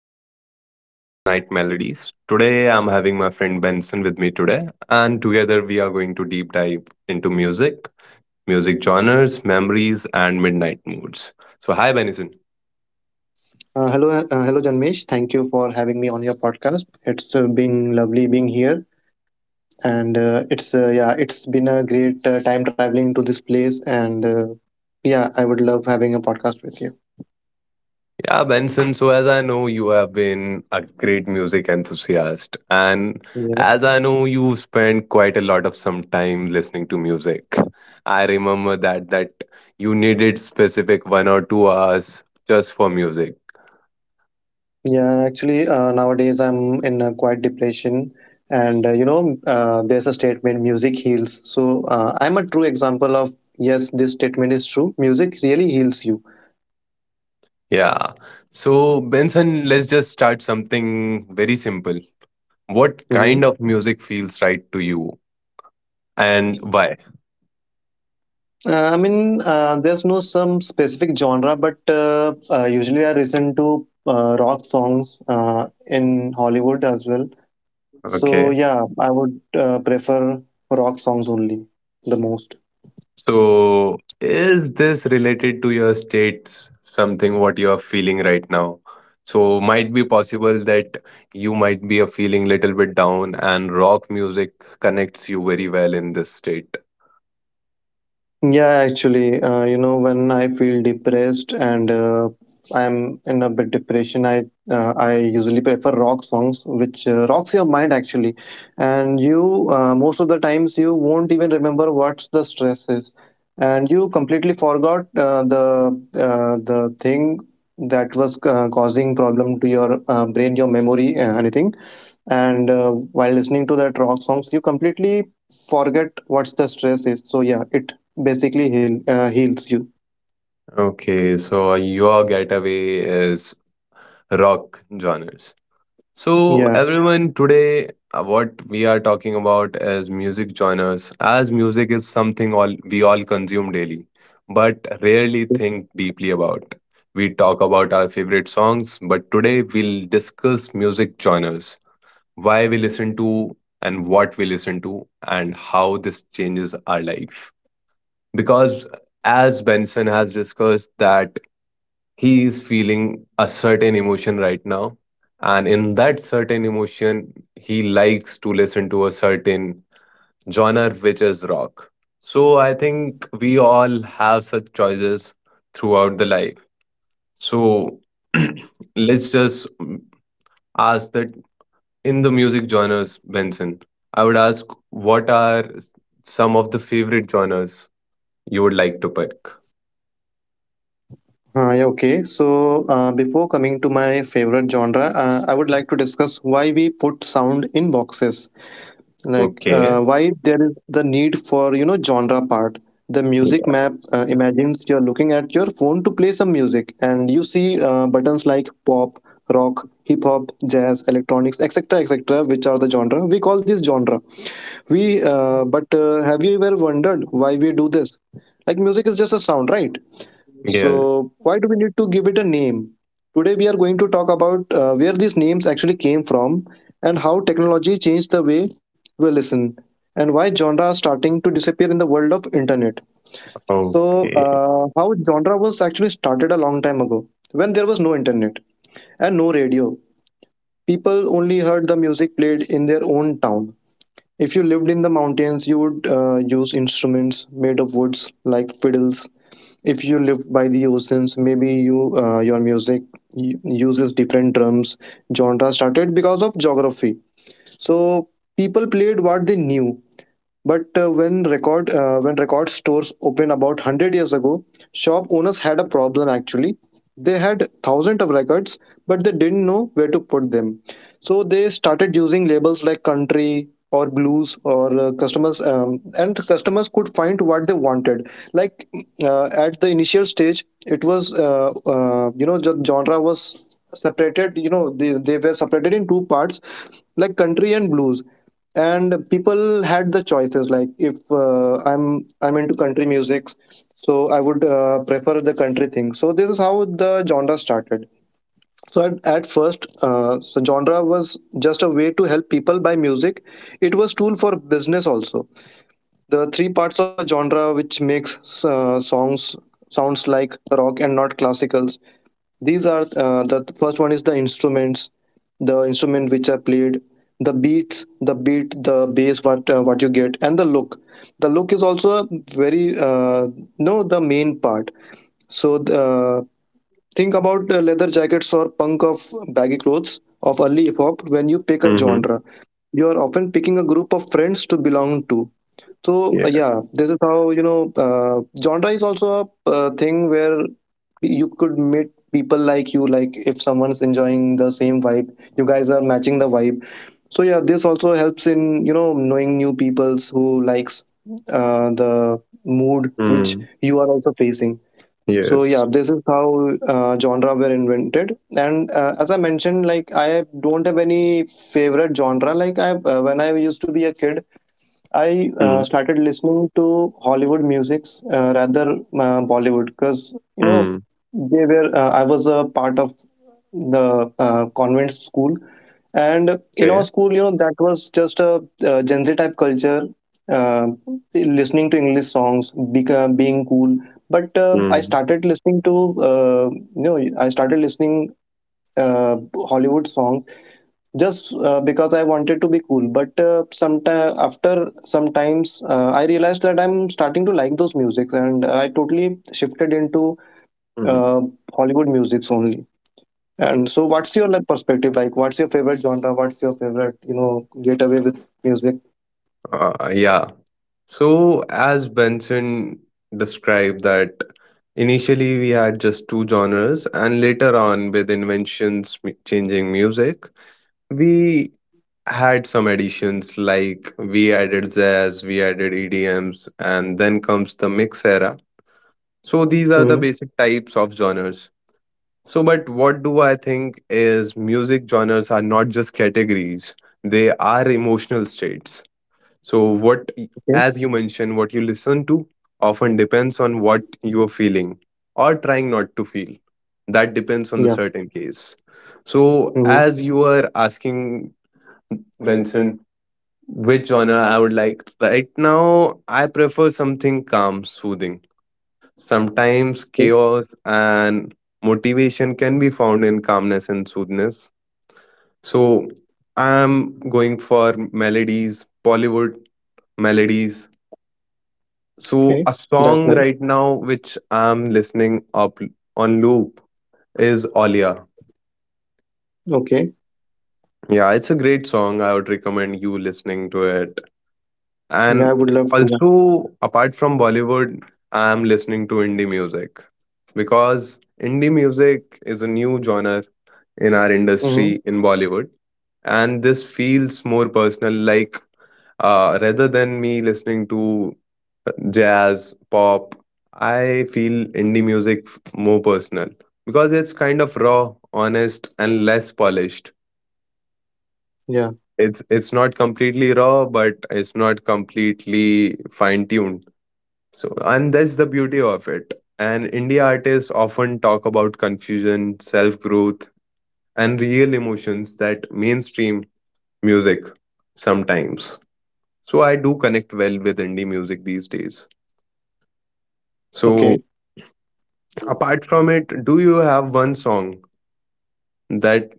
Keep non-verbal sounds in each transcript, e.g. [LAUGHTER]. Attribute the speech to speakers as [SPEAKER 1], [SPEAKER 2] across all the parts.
[SPEAKER 1] everyone, welcome to Night Melodies. Today I'm having my friend Benson with me today, and together we are going to deep dive into music genres, memories, and midnight moods. So, hi Benson.
[SPEAKER 2] Hello, hello, Janmesh. Thank you for having me on your podcast. It's been lovely being here, and it's been a great time traveling to this place, and yeah, I would love having a podcast with you.
[SPEAKER 1] Yeah, Benson. So, as I know, you have been a great music enthusiast, and
[SPEAKER 2] Yeah,
[SPEAKER 1] as I know, you've spent quite a lot of some time listening to music. I remember that you needed specific 1 or 2 hours just for music.
[SPEAKER 2] yeah. Actually, nowadays I'm in a quiet depression, and there's a statement: music heals. So I'm a true example of yes, this statement is true. Music really heals you.
[SPEAKER 1] Yeah. So, Benson, let's just start something very simple. What kind of music feels right to you and why?
[SPEAKER 2] I mean, there's no some specific genre, but usually I listen to rock songs in Hollywood as well. So
[SPEAKER 1] Okay.
[SPEAKER 2] yeah, I would prefer rock songs only the most.
[SPEAKER 1] So, is this related to your states, something what you are feeling right now? So, might be possible that you might be a feeling little bit down, and rock music connects you very well in this state.
[SPEAKER 2] Yeah, actually, when I feel depressed and I'm in a bit depression, I usually prefer rock songs, which rocks your mind actually, and you most of the times you won't even remember what the stress is, and you completely forgot the thing that was causing problem to your brain, your memory, anything and while listening to that rock songs you completely forget what's the stress is, so yeah, it basically heals you,
[SPEAKER 1] Okay, so your getaway is rock genres. So,
[SPEAKER 2] yeah.
[SPEAKER 1] everyone, today what we are talking about is music genres, as music is something all we all consume daily, but rarely think deeply about. We talk about our favorite songs, but today we'll discuss music genres, why we listen to and what we listen to, and how this changes our life. Because, as Benson has discussed, that he is feeling a certain emotion right now, and in that certain emotion he likes to listen to a certain genre which is rock. So I think we all have such choices throughout the life. So [CLEARS THROAT] let's just ask that. In the music genres, Benson, I would ask what are some of the favorite genres you would like to pick.
[SPEAKER 2] Uh, yeah okay so uh, before coming to my favorite genre, I would like to discuss why we put sound in boxes, like
[SPEAKER 1] Okay.
[SPEAKER 2] why there is the need for genre part. The music map, imagines you're looking at your phone to play some music and you see buttons like pop, rock, hip hop, jazz, electronics, etc, etc, which are the genre. We call this genre. We but Have you ever wondered why we do this? Like music is just a sound, right?
[SPEAKER 1] Yeah.
[SPEAKER 2] So, why do we need to give it a name? Today, we are going to talk about where these names actually came from, and how technology changed the way we listen, and why genre are starting to disappear in the world of internet. So,
[SPEAKER 1] Okay.
[SPEAKER 2] how genre was actually started a long time ago, when there was no internet and no radio. People only heard the music played in their own town. If you lived in the mountains, you would use instruments made of woods like fiddles. If you live by the oceans, maybe your music uses different drums. Genre started because of geography, so people played what they knew. But when record stores opened about 100 years ago, shop owners had a problem actually. They had thousands of records, but they didn't know where to put them. So they started using labels like country or blues, or customers and customers could find what they wanted. Like at the initial stage, it was the genre was separated. You know, they were separated in two parts, like country and blues, and people had the choices like if I'm into country music, so I would prefer the country thing. So this is how the genre started. So at first, so genre was just a way to help people buy music. It was tool for business also. The three parts of a genre which makes songs sounds like rock and not classicals, these are the first one is the instruments, the instrument which are played, the beats, the bass, what you get, and the look. The look is also very no, the main part. So uh, think about leather jackets or punk of baggy clothes of early hip hop. When you pick a
[SPEAKER 1] Mm-hmm.
[SPEAKER 2] genre, you are often picking a group of friends to belong to. So
[SPEAKER 1] Yeah.
[SPEAKER 2] yeah, this is how genre is also a thing where you could meet people like you. Like if someone's enjoying the same vibe, you guys are matching the vibe. So yeah, this also helps in knowing new peoples who likes the mood which
[SPEAKER 1] Mm.
[SPEAKER 2] you are also facing. So yeah,
[SPEAKER 1] Yes.
[SPEAKER 2] this is how genre were invented. And as I mentioned, like I don't have any favorite genre. Like I when I used to be a kid. I
[SPEAKER 1] Mm.
[SPEAKER 2] started listening to Hollywood musics, rather Bollywood, because you know
[SPEAKER 1] Mm.
[SPEAKER 2] they were I was a part of the convent school, and in our
[SPEAKER 1] Okay.
[SPEAKER 2] school, you know, that was just a Gen Z type culture, uh, listening to English songs being cool. But I
[SPEAKER 1] Mm.
[SPEAKER 2] started listening to uh, I started listening uh, Hollywood songs just because I wanted to be cool. But sometime after sometimes I realized that I'm starting to like those music, and I totally shifted into
[SPEAKER 1] Mm.
[SPEAKER 2] uh, Hollywood musics only. And so what's your like perspective, like what's your favorite genre, what's your favorite, you know, getaway with music?
[SPEAKER 1] Yeah. So, as Benson described, that initially we had just two genres, and later on, with inventions changing music, we had some additions like we added jazz, we added EDMs, and then comes the mix era. So, these are
[SPEAKER 2] Hmm.
[SPEAKER 1] the basic types of genres. So, but what do I think is music genres are not just categories, they are emotional states. So, what,
[SPEAKER 2] Okay.
[SPEAKER 1] as you mentioned, what you listen to often depends on what you are feeling or trying not to feel. That depends on the
[SPEAKER 2] Yeah.
[SPEAKER 1] certain case. So,
[SPEAKER 2] Hmm.
[SPEAKER 1] as you were asking, Benson, which genre I would like, right now, I prefer something calm, soothing. Sometimes chaos and motivation can be found in calmness and soothness. So I'm going for melodies, Bollywood melodies. So
[SPEAKER 2] Okay,
[SPEAKER 1] a
[SPEAKER 2] that's
[SPEAKER 1] song
[SPEAKER 2] nice.
[SPEAKER 1] right now which I'm listening up on loop is Olia.
[SPEAKER 2] Okay.
[SPEAKER 1] Yeah, it's a great song. I would recommend you listening to it.
[SPEAKER 2] Yeah, I
[SPEAKER 1] And
[SPEAKER 2] would love to, yeah.
[SPEAKER 1] also apart from Bollywood, I'm listening to indie music because indie music is a new genre in our
[SPEAKER 2] Hmm.
[SPEAKER 1] industry in Bollywood. And this feels more personal, like, rather than me listening to jazz, pop, I feel indie music more personal because it's kind of raw, honest, and less polished.
[SPEAKER 2] Yeah.
[SPEAKER 1] It's not completely raw, but it's not completely fine tuned. So, and that's the beauty of it. And indie artists often talk about confusion, self growth, and real emotions that mainstream music sometimes. So I do connect well with indie music these days.
[SPEAKER 2] Okay.
[SPEAKER 1] So apart from it, do you have one song that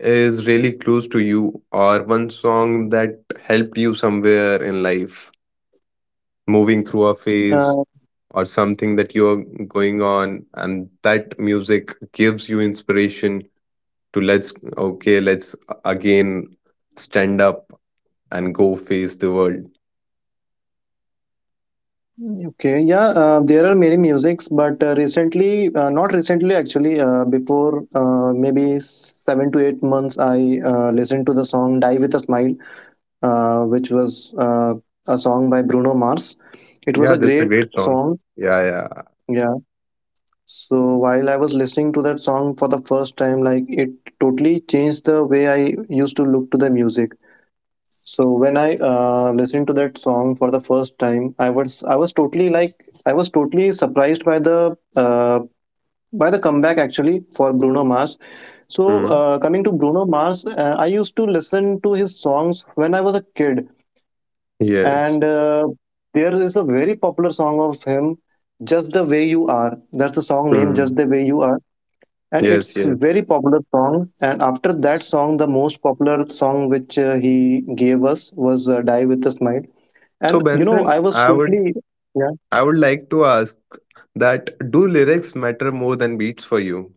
[SPEAKER 1] is really close to you, or one song that helped you somewhere in life, moving through a
[SPEAKER 2] Uh,
[SPEAKER 1] phase, or something that you're going on and that music gives you inspiration to, let's, okay, let's again stand up and go face the world.
[SPEAKER 2] Okay, yeah, there are many musics, but not recently actually, before maybe 7 to 8 months, I listened to the song Die with a Smile, which was a song by Bruno Mars. It was
[SPEAKER 1] Yeah,
[SPEAKER 2] a
[SPEAKER 1] that's a
[SPEAKER 2] great
[SPEAKER 1] great song.
[SPEAKER 2] song,
[SPEAKER 1] Yeah, yeah.
[SPEAKER 2] yeah. So while I was listening to that song for the first time, like it totally changed the way I used to look to the music. So when I listened to that song for the first time, I was totally like I was totally surprised by the comeback actually for Bruno Mars. So
[SPEAKER 1] Mhm.
[SPEAKER 2] coming to Bruno Mars, I used to listen to his songs when I was a kid,
[SPEAKER 1] Yes.
[SPEAKER 2] and there is a very popular song of him, "Just the Way You Are." That's the song name,
[SPEAKER 1] Hmm.
[SPEAKER 2] "Just the Way You Are." And
[SPEAKER 1] Yes,
[SPEAKER 2] it's
[SPEAKER 1] yes.
[SPEAKER 2] very popular song. And after that song, the most popular song which he gave us was "Die with a Smile."
[SPEAKER 1] So
[SPEAKER 2] And you know, I
[SPEAKER 1] Benson,
[SPEAKER 2] was
[SPEAKER 1] I would
[SPEAKER 2] totally yeah.
[SPEAKER 1] I would like to ask that, do lyrics matter more than beats for you?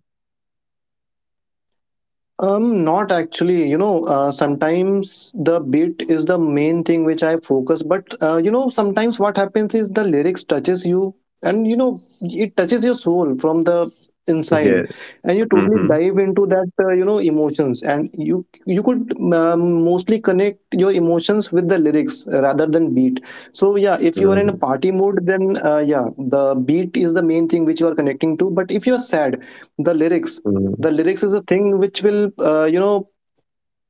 [SPEAKER 2] Not actually. You know, sometimes the beat is the main thing which I focus. But you know, sometimes what happens is the lyrics touches you, and you know, it touches your soul from the
[SPEAKER 1] Yeah.
[SPEAKER 2] inside, and you totally
[SPEAKER 1] Mm-hmm.
[SPEAKER 2] dive into that. You know, emotions, and you could mostly connect your emotions with the lyrics rather than beat. So yeah, if you are in a party mood, then yeah, the beat is the main thing which you are connecting to. But if you are sad, the lyrics
[SPEAKER 1] Mm-hmm.
[SPEAKER 2] the lyrics is a thing which will uh, you know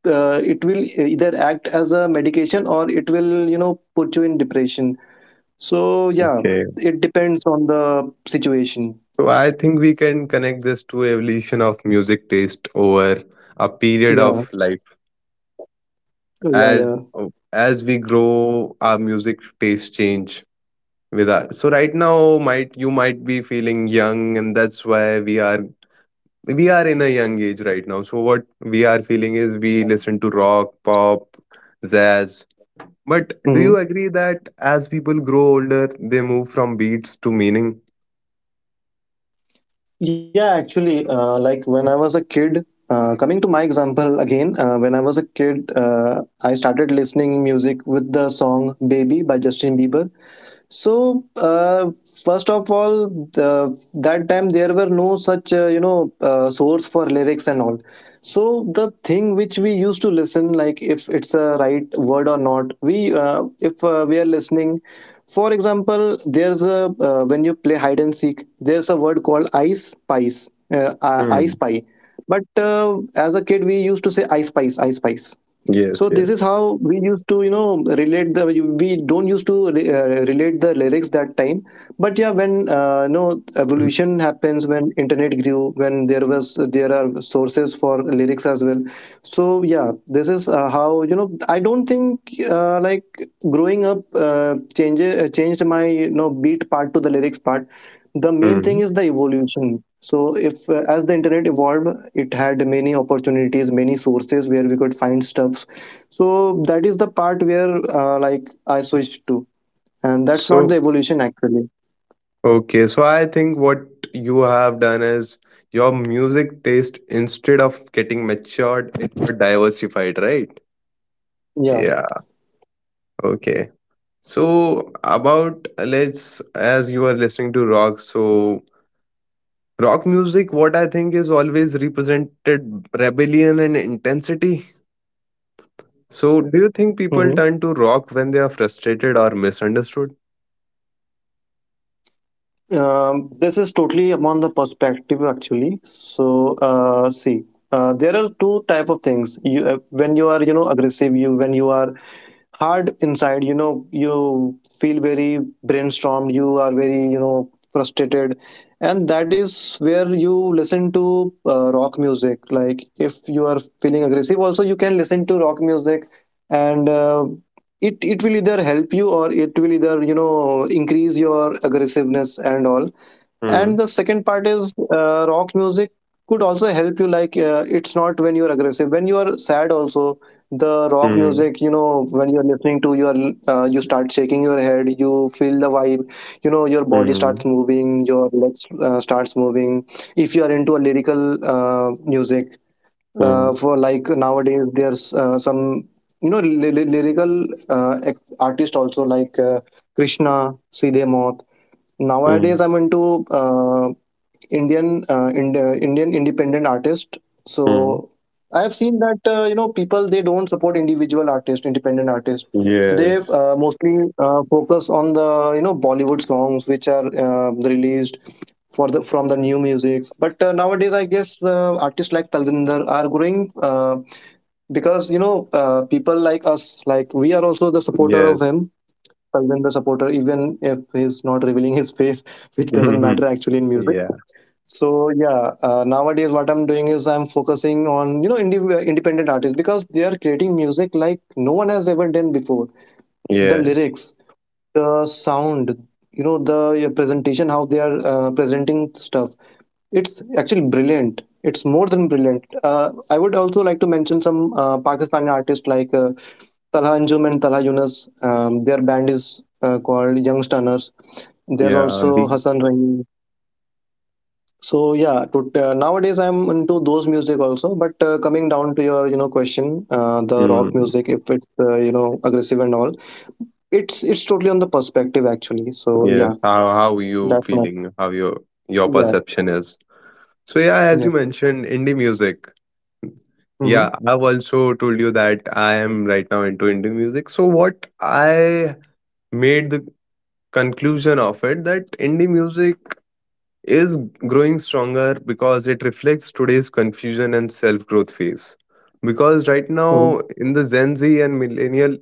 [SPEAKER 2] it will either act as a medication or it will, you know, put you in depression. So yeah,
[SPEAKER 1] Okay.
[SPEAKER 2] it depends on the situation.
[SPEAKER 1] So I think we can connect this to evolution of music taste over a period
[SPEAKER 2] Yeah,
[SPEAKER 1] of life.
[SPEAKER 2] yeah,
[SPEAKER 1] as
[SPEAKER 2] yeah.
[SPEAKER 1] as we grow, our music taste change with us. So right now, might you might be feeling young, and that's why we are in a young age right now. So what we are feeling is we listen to rock, pop, jazz. But do you
[SPEAKER 2] Hmm,
[SPEAKER 1] agree that as people grow older they move from beats to meaning?
[SPEAKER 2] yeah, actually like when I was a kid, coming to my example again, when I was a kid, I started listening music with the song Baby by Justin Bieber. So, first of all, that time there were no such, source for lyrics and all. So, the thing which we used to listen, like if it's a right word or not, we, if we are listening, for example, there's a, when you play hide and seek, there's a word called ice spice, ice
[SPEAKER 1] Hmm.
[SPEAKER 2] pie. But as a kid, we used to say ice spice, ice spice.
[SPEAKER 1] Yes,
[SPEAKER 2] So this
[SPEAKER 1] yes.
[SPEAKER 2] is how we used to, you know, relate the we don't used to relate the lyrics that time. But yeah, when evolution happens, when internet grew, when there are sources for lyrics as well. So yeah, this is how, you know, I don't think like growing up changed my, you know, beat part to the lyrics part. The main
[SPEAKER 1] Mm-hmm.
[SPEAKER 2] thing is the evolution. So if as the internet evolved, it had many opportunities, many sources where we could find stuff. So that is the part where like I switched to, and that's not
[SPEAKER 1] So,
[SPEAKER 2] the evolution actually.
[SPEAKER 1] okay, so I think what you have done is your music taste, instead of getting matured, it got diversified, right?
[SPEAKER 2] Yeah.
[SPEAKER 1] Yeah. Okay, so about, let's, as you are listening to rock, so rock music, what I think, is always represented rebellion and intensity. So do you
[SPEAKER 2] Mm-hmm.
[SPEAKER 1] think people turn to rock when they are frustrated or misunderstood?
[SPEAKER 2] This is totally upon the perspective actually. So see, there are two type of things. You When you are aggressive, you when you are hard inside, you feel very brainstormed, you are very frustrated, and that is where you listen to rock music. Like if you are feeling aggressive also, you can listen to rock music. And it will either help you, or it will either increase your aggressiveness and all. And
[SPEAKER 1] Hmm.
[SPEAKER 2] the second part is rock music could also help you. Like it's not when you're aggressive, when you are sad also, the rock
[SPEAKER 1] Hmm.
[SPEAKER 2] music, when you're listening to your you start shaking your head, you feel the vibe, your body starts
[SPEAKER 1] Hmm.
[SPEAKER 2] moving, your legs starts moving. If you are into a lyrical music,
[SPEAKER 1] Hmm.
[SPEAKER 2] for like nowadays there's some lyrical artist also, like Krishna Sidhe Moth. Nowadays
[SPEAKER 1] Hmm.
[SPEAKER 2] I'm into uh, Indian Indian independent artist. So
[SPEAKER 1] Mm.
[SPEAKER 2] I have seen that people, they don't support individual artists, independent artists. They
[SPEAKER 1] Yes,
[SPEAKER 2] mostly focus on the Bollywood songs which are released for the from the new music. But nowadays, I guess artists like Talvinder are growing, because people like us, like we are also the supporter of
[SPEAKER 1] yes.
[SPEAKER 2] him. Talvinder supporter, even if he's not revealing his face, [LAUGHS] which doesn't
[SPEAKER 1] [LAUGHS]
[SPEAKER 2] matter actually in music.
[SPEAKER 1] Yeah,
[SPEAKER 2] So yeah, nowadays what I'm doing is I'm focusing on independent artists, because they are creating music like no one has ever done before. The
[SPEAKER 1] yes,
[SPEAKER 2] lyrics, the sound, the presentation, how they are presenting stuff. It's actually brilliant. It's more than brilliant. I would also like to mention some Pakistani artists like Talha Anjum and Talha Yunus. Their band is called Young Stunners. There's
[SPEAKER 1] yeah.
[SPEAKER 2] also
[SPEAKER 1] The,
[SPEAKER 2] Hassan Rahim. So yeah, nowadays I'm into those music also. But coming down to your question, the rock
[SPEAKER 1] mm,
[SPEAKER 2] music, if it's aggressive and all, it's totally on the perspective actually. So
[SPEAKER 1] yes.
[SPEAKER 2] yeah,
[SPEAKER 1] How you
[SPEAKER 2] that's my
[SPEAKER 1] feeling? How your
[SPEAKER 2] yeah.
[SPEAKER 1] perception is? So yeah, as you
[SPEAKER 2] Yeah,
[SPEAKER 1] mentioned indie music. Yeah,
[SPEAKER 2] mm-hmm,
[SPEAKER 1] I've also told you that I am right now into indie music. So what I made the conclusion of it, that indie music is growing stronger because it reflects today's confusion and self-growth phase. Because right
[SPEAKER 2] mm-hmm,
[SPEAKER 1] now in the Gen Z and millennial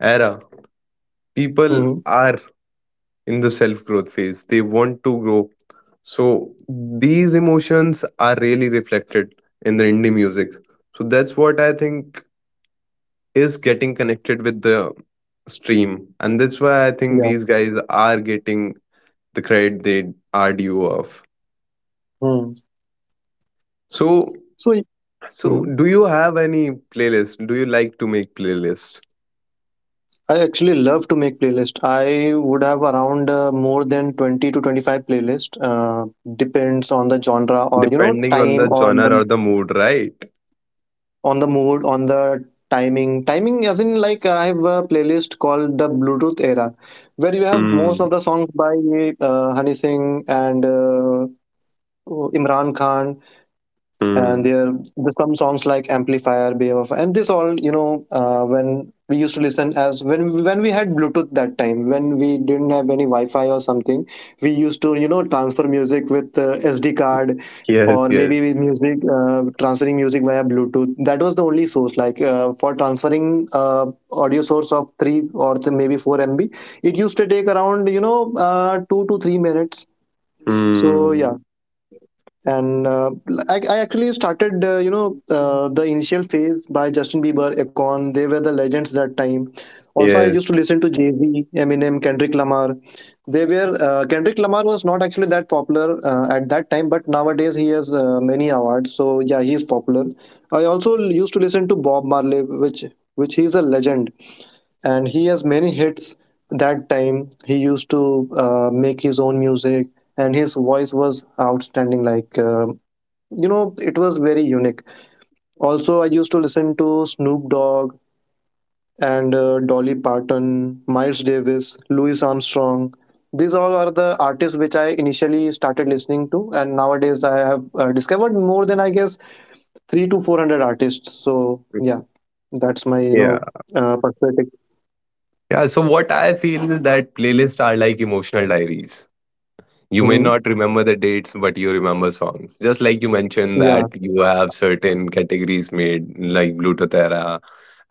[SPEAKER 1] era, people
[SPEAKER 2] mm-hmm,
[SPEAKER 1] are in the self-growth phase. They want to grow. So these emotions are really reflected in the indie music. So that's what I think is getting connected with the stream, and that's why I think
[SPEAKER 2] yeah.
[SPEAKER 1] these guys are getting the credit they are due of.
[SPEAKER 2] Mm.
[SPEAKER 1] so
[SPEAKER 2] So
[SPEAKER 1] so
[SPEAKER 2] mm-hmm.
[SPEAKER 1] do you have any playlist, do you like to make playlists
[SPEAKER 2] I actually love to make playlist. I would have around more than 20 to 25 playlist. Depends on the genre or
[SPEAKER 1] depending on
[SPEAKER 2] time
[SPEAKER 1] the
[SPEAKER 2] or
[SPEAKER 1] genre
[SPEAKER 2] the,
[SPEAKER 1] or the mood, right?
[SPEAKER 2] on the mood, on the timing. As in, like, I have a playlist called the Bluetooth era, where you have most
[SPEAKER 1] Hmm.
[SPEAKER 2] of the songs by Honey Singh and Imran Khan, and
[SPEAKER 1] Hmm.
[SPEAKER 2] there's some songs like Amplifier, Behavior, and this all. When we used to listen, as when we had Bluetooth, that time when we didn't have any Wi-Fi or something, we used to transfer music with SD card,
[SPEAKER 1] Yes.
[SPEAKER 2] or
[SPEAKER 1] Yes.
[SPEAKER 2] maybe with music, transferring music via Bluetooth. That was the only source, like for transferring audio source of 3 or th- maybe 4 MB. It used to take around 2 to 3 minutes. So yeah.
[SPEAKER 1] Hmm.
[SPEAKER 2] And I actually started the initial phase by Justin Bieber, Akon. They were the legends that time. Also, I
[SPEAKER 1] Yes.
[SPEAKER 2] used to listen to Jay-Z, Eminem, Kendrick Lamar. They were Kendrick Lamar was not actually that popular at that time, but nowadays he has many awards. So yeah, he is popular. I also used to listen to Bob Marley, which he is a legend, and he has many hits. That time he used to make his own music, and his voice was outstanding. Like you know it was very unique. Also, I used to listen to Snoop Dogg and Dolly Parton, Miles Davis, Louis Armstrong. These all are the artists which I initially started listening to, and nowadays I have discovered more than, I guess, 3 to 400 artists. So yeah, that's my
[SPEAKER 1] Yeah.
[SPEAKER 2] perspective.
[SPEAKER 1] Yeah. So what I feel is that playlists are like emotional diaries. You may
[SPEAKER 2] Hmm,
[SPEAKER 1] not remember the dates, but you remember songs. Just like you mentioned that
[SPEAKER 2] yeah.
[SPEAKER 1] you have certain categories made, like Bluetooth era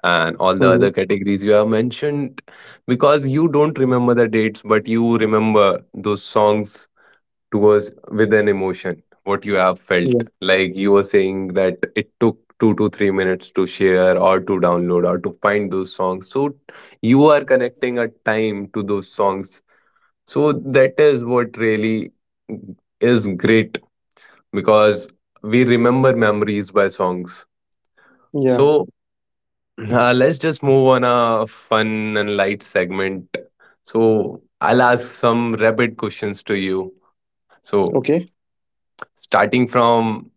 [SPEAKER 1] and all the
[SPEAKER 2] Hmm,
[SPEAKER 1] other categories you have mentioned, because you don't remember the dates, but you remember those songs towards with an emotion, what you have
[SPEAKER 2] yeah.
[SPEAKER 1] felt. Like you were saying that it took 2 to 3 minutes to share or to download or to find those songs. So you are connecting a time to those songs, so that is what really is great, because we remember memories by songs.
[SPEAKER 2] Yeah.
[SPEAKER 1] So [CLEARS THROAT] let's just move on a fun and light segment. So I'll ask some rapid questions to you. So
[SPEAKER 2] Okay.
[SPEAKER 1] starting from,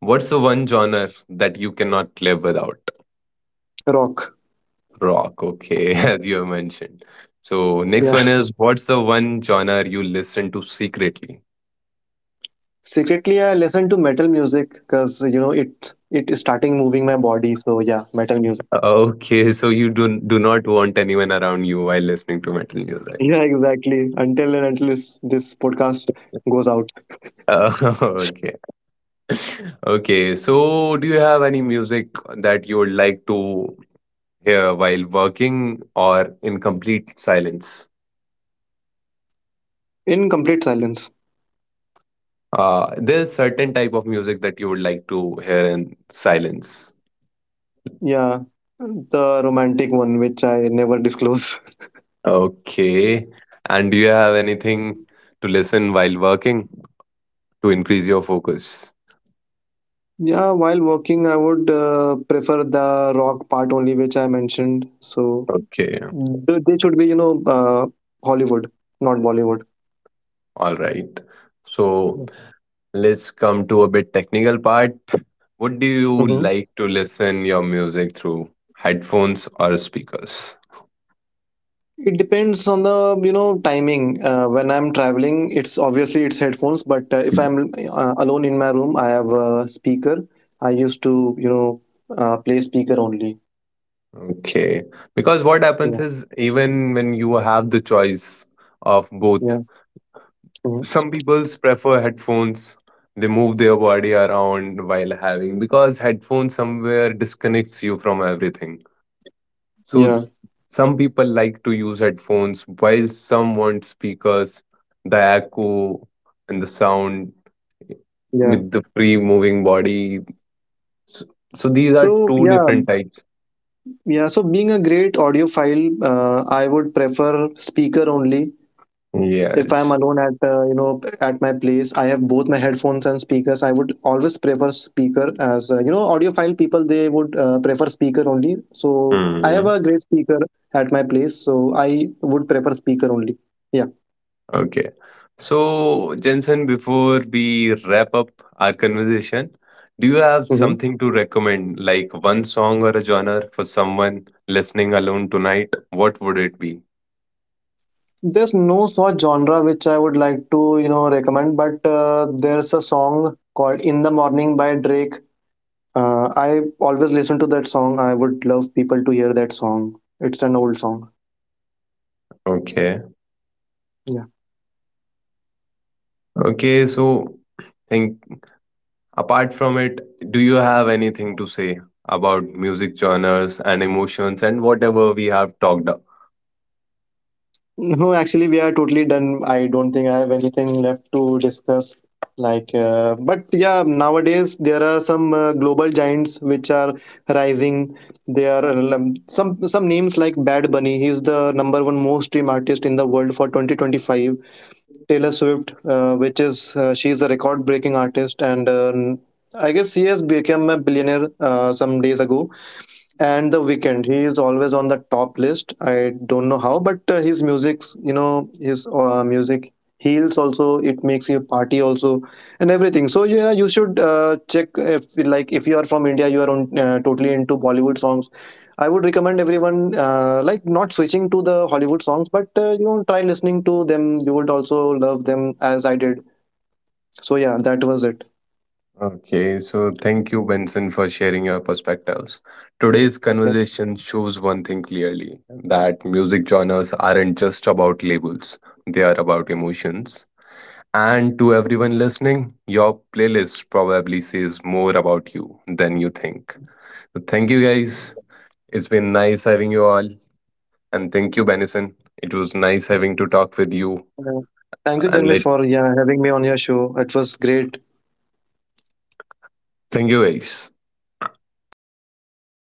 [SPEAKER 1] what's the one genre that you cannot live without?
[SPEAKER 2] Rock.
[SPEAKER 1] Rock, okay, [LAUGHS] as you have mentioned. So next
[SPEAKER 2] Yeah.
[SPEAKER 1] one is, what's the one genre you listen to secretly?
[SPEAKER 2] Secretly, I listen to metal music, because you know it is starting moving my body. So yeah, metal music. [LAUGHS]
[SPEAKER 1] Uh, Okay, so you do not want anyone around you while listening to metal music.
[SPEAKER 2] Yeah, exactly. Until and until this, podcast goes out.
[SPEAKER 1] Uh, [LAUGHS] okay, okay. So, do you have any music that you would like to hear while working or in complete silence?
[SPEAKER 2] In complete silence.
[SPEAKER 1] There's certain type of music that you would like to hear in silence.
[SPEAKER 2] Yeah, the romantic one which I never disclose. [LAUGHS]
[SPEAKER 1] Okay, and do you have anything to listen while working to increase your focus?
[SPEAKER 2] Yeah, while working, I would prefer the rock part only, which I mentioned. So
[SPEAKER 1] Okay,
[SPEAKER 2] they should be, Hollywood, not Bollywood.
[SPEAKER 1] all right. So, let's come to a bit technical part. What do you
[SPEAKER 2] Mm-hmm.
[SPEAKER 1] like to listen your music through? Headphones or speakers?
[SPEAKER 2] It depends on the timing. When I'm traveling, it's obviously it's headphones. But if I'm alone in my room, I have a speaker. I used to play speaker only.
[SPEAKER 1] Okay. Because what
[SPEAKER 2] Yeah,
[SPEAKER 1] happens is, even when you have the choice of both,
[SPEAKER 2] yeah, mhm.
[SPEAKER 1] some people prefer headphones. They move their body around while having, because headphones somewhere disconnects you from everything. So
[SPEAKER 2] Yeah,
[SPEAKER 1] some people like to use headphones, while some want speakers, the echo and the sound
[SPEAKER 2] yeah.
[SPEAKER 1] with the free moving body. S- So these are
[SPEAKER 2] So
[SPEAKER 1] two
[SPEAKER 2] yeah,
[SPEAKER 1] different types.
[SPEAKER 2] yeah. So being a great audiophile, I would prefer speaker only. If I'm
[SPEAKER 1] Yes.
[SPEAKER 2] alone at, at my place, I have both my headphones and speakers. I would always prefer speaker, as, audiophile people, they would prefer speaker only. So I have
[SPEAKER 1] Hmm.
[SPEAKER 2] a great speaker at my place. So I would prefer speaker only. Yeah.
[SPEAKER 1] Okay. So, Jensen, before we wrap up our conversation, do you have
[SPEAKER 2] Hmm.
[SPEAKER 1] something to recommend, like one song or a genre for someone listening alone tonight? What would it be?
[SPEAKER 2] There's no such genre which I would like to recommend, but there's a song called In the Morning by Drake. I always listen to that song. I would love people to hear that song. It's an old song.
[SPEAKER 1] Okay.
[SPEAKER 2] Yeah.
[SPEAKER 1] Okay. So, think, apart from it, do you have anything to say about music genres and emotions and whatever we have talked.
[SPEAKER 2] No, actually, we are totally done. I don't think I have anything left to discuss. Like, but yeah, nowadays there are some global giants which are rising. There are some names like Bad Bunny. He's the number one most stream artist in the world for 2025. Taylor Swift, which is she's a record breaking artist, and I guess she has become a billionaire some days ago. And the Weekend, he is always on the top list. I don't know how, but his music's, his music heals also. It makes you party also and everything. So yeah, you should check, if like if you are from India, you are on, totally into Bollywood songs, I would recommend everyone, like, not switching to the Hollywood songs, but try listening to them. You would also love them, as I did. So yeah, that was it.
[SPEAKER 1] Okay, so thank you, Benson, for sharing your perspectives. Today's
[SPEAKER 2] Okay.
[SPEAKER 1] conversation shows one thing clearly, that music genres aren't just about labels, they are about emotions. And to everyone listening, your playlist probably says more about you than you think. So thank you, guys. It's been nice having you all. And thank you, Benson. It was nice having to talk with you.
[SPEAKER 2] Uh, Thank you,
[SPEAKER 1] And let
[SPEAKER 2] Janmesh, for yeah having me on your show. It was great.
[SPEAKER 1] thank you, guys. Thank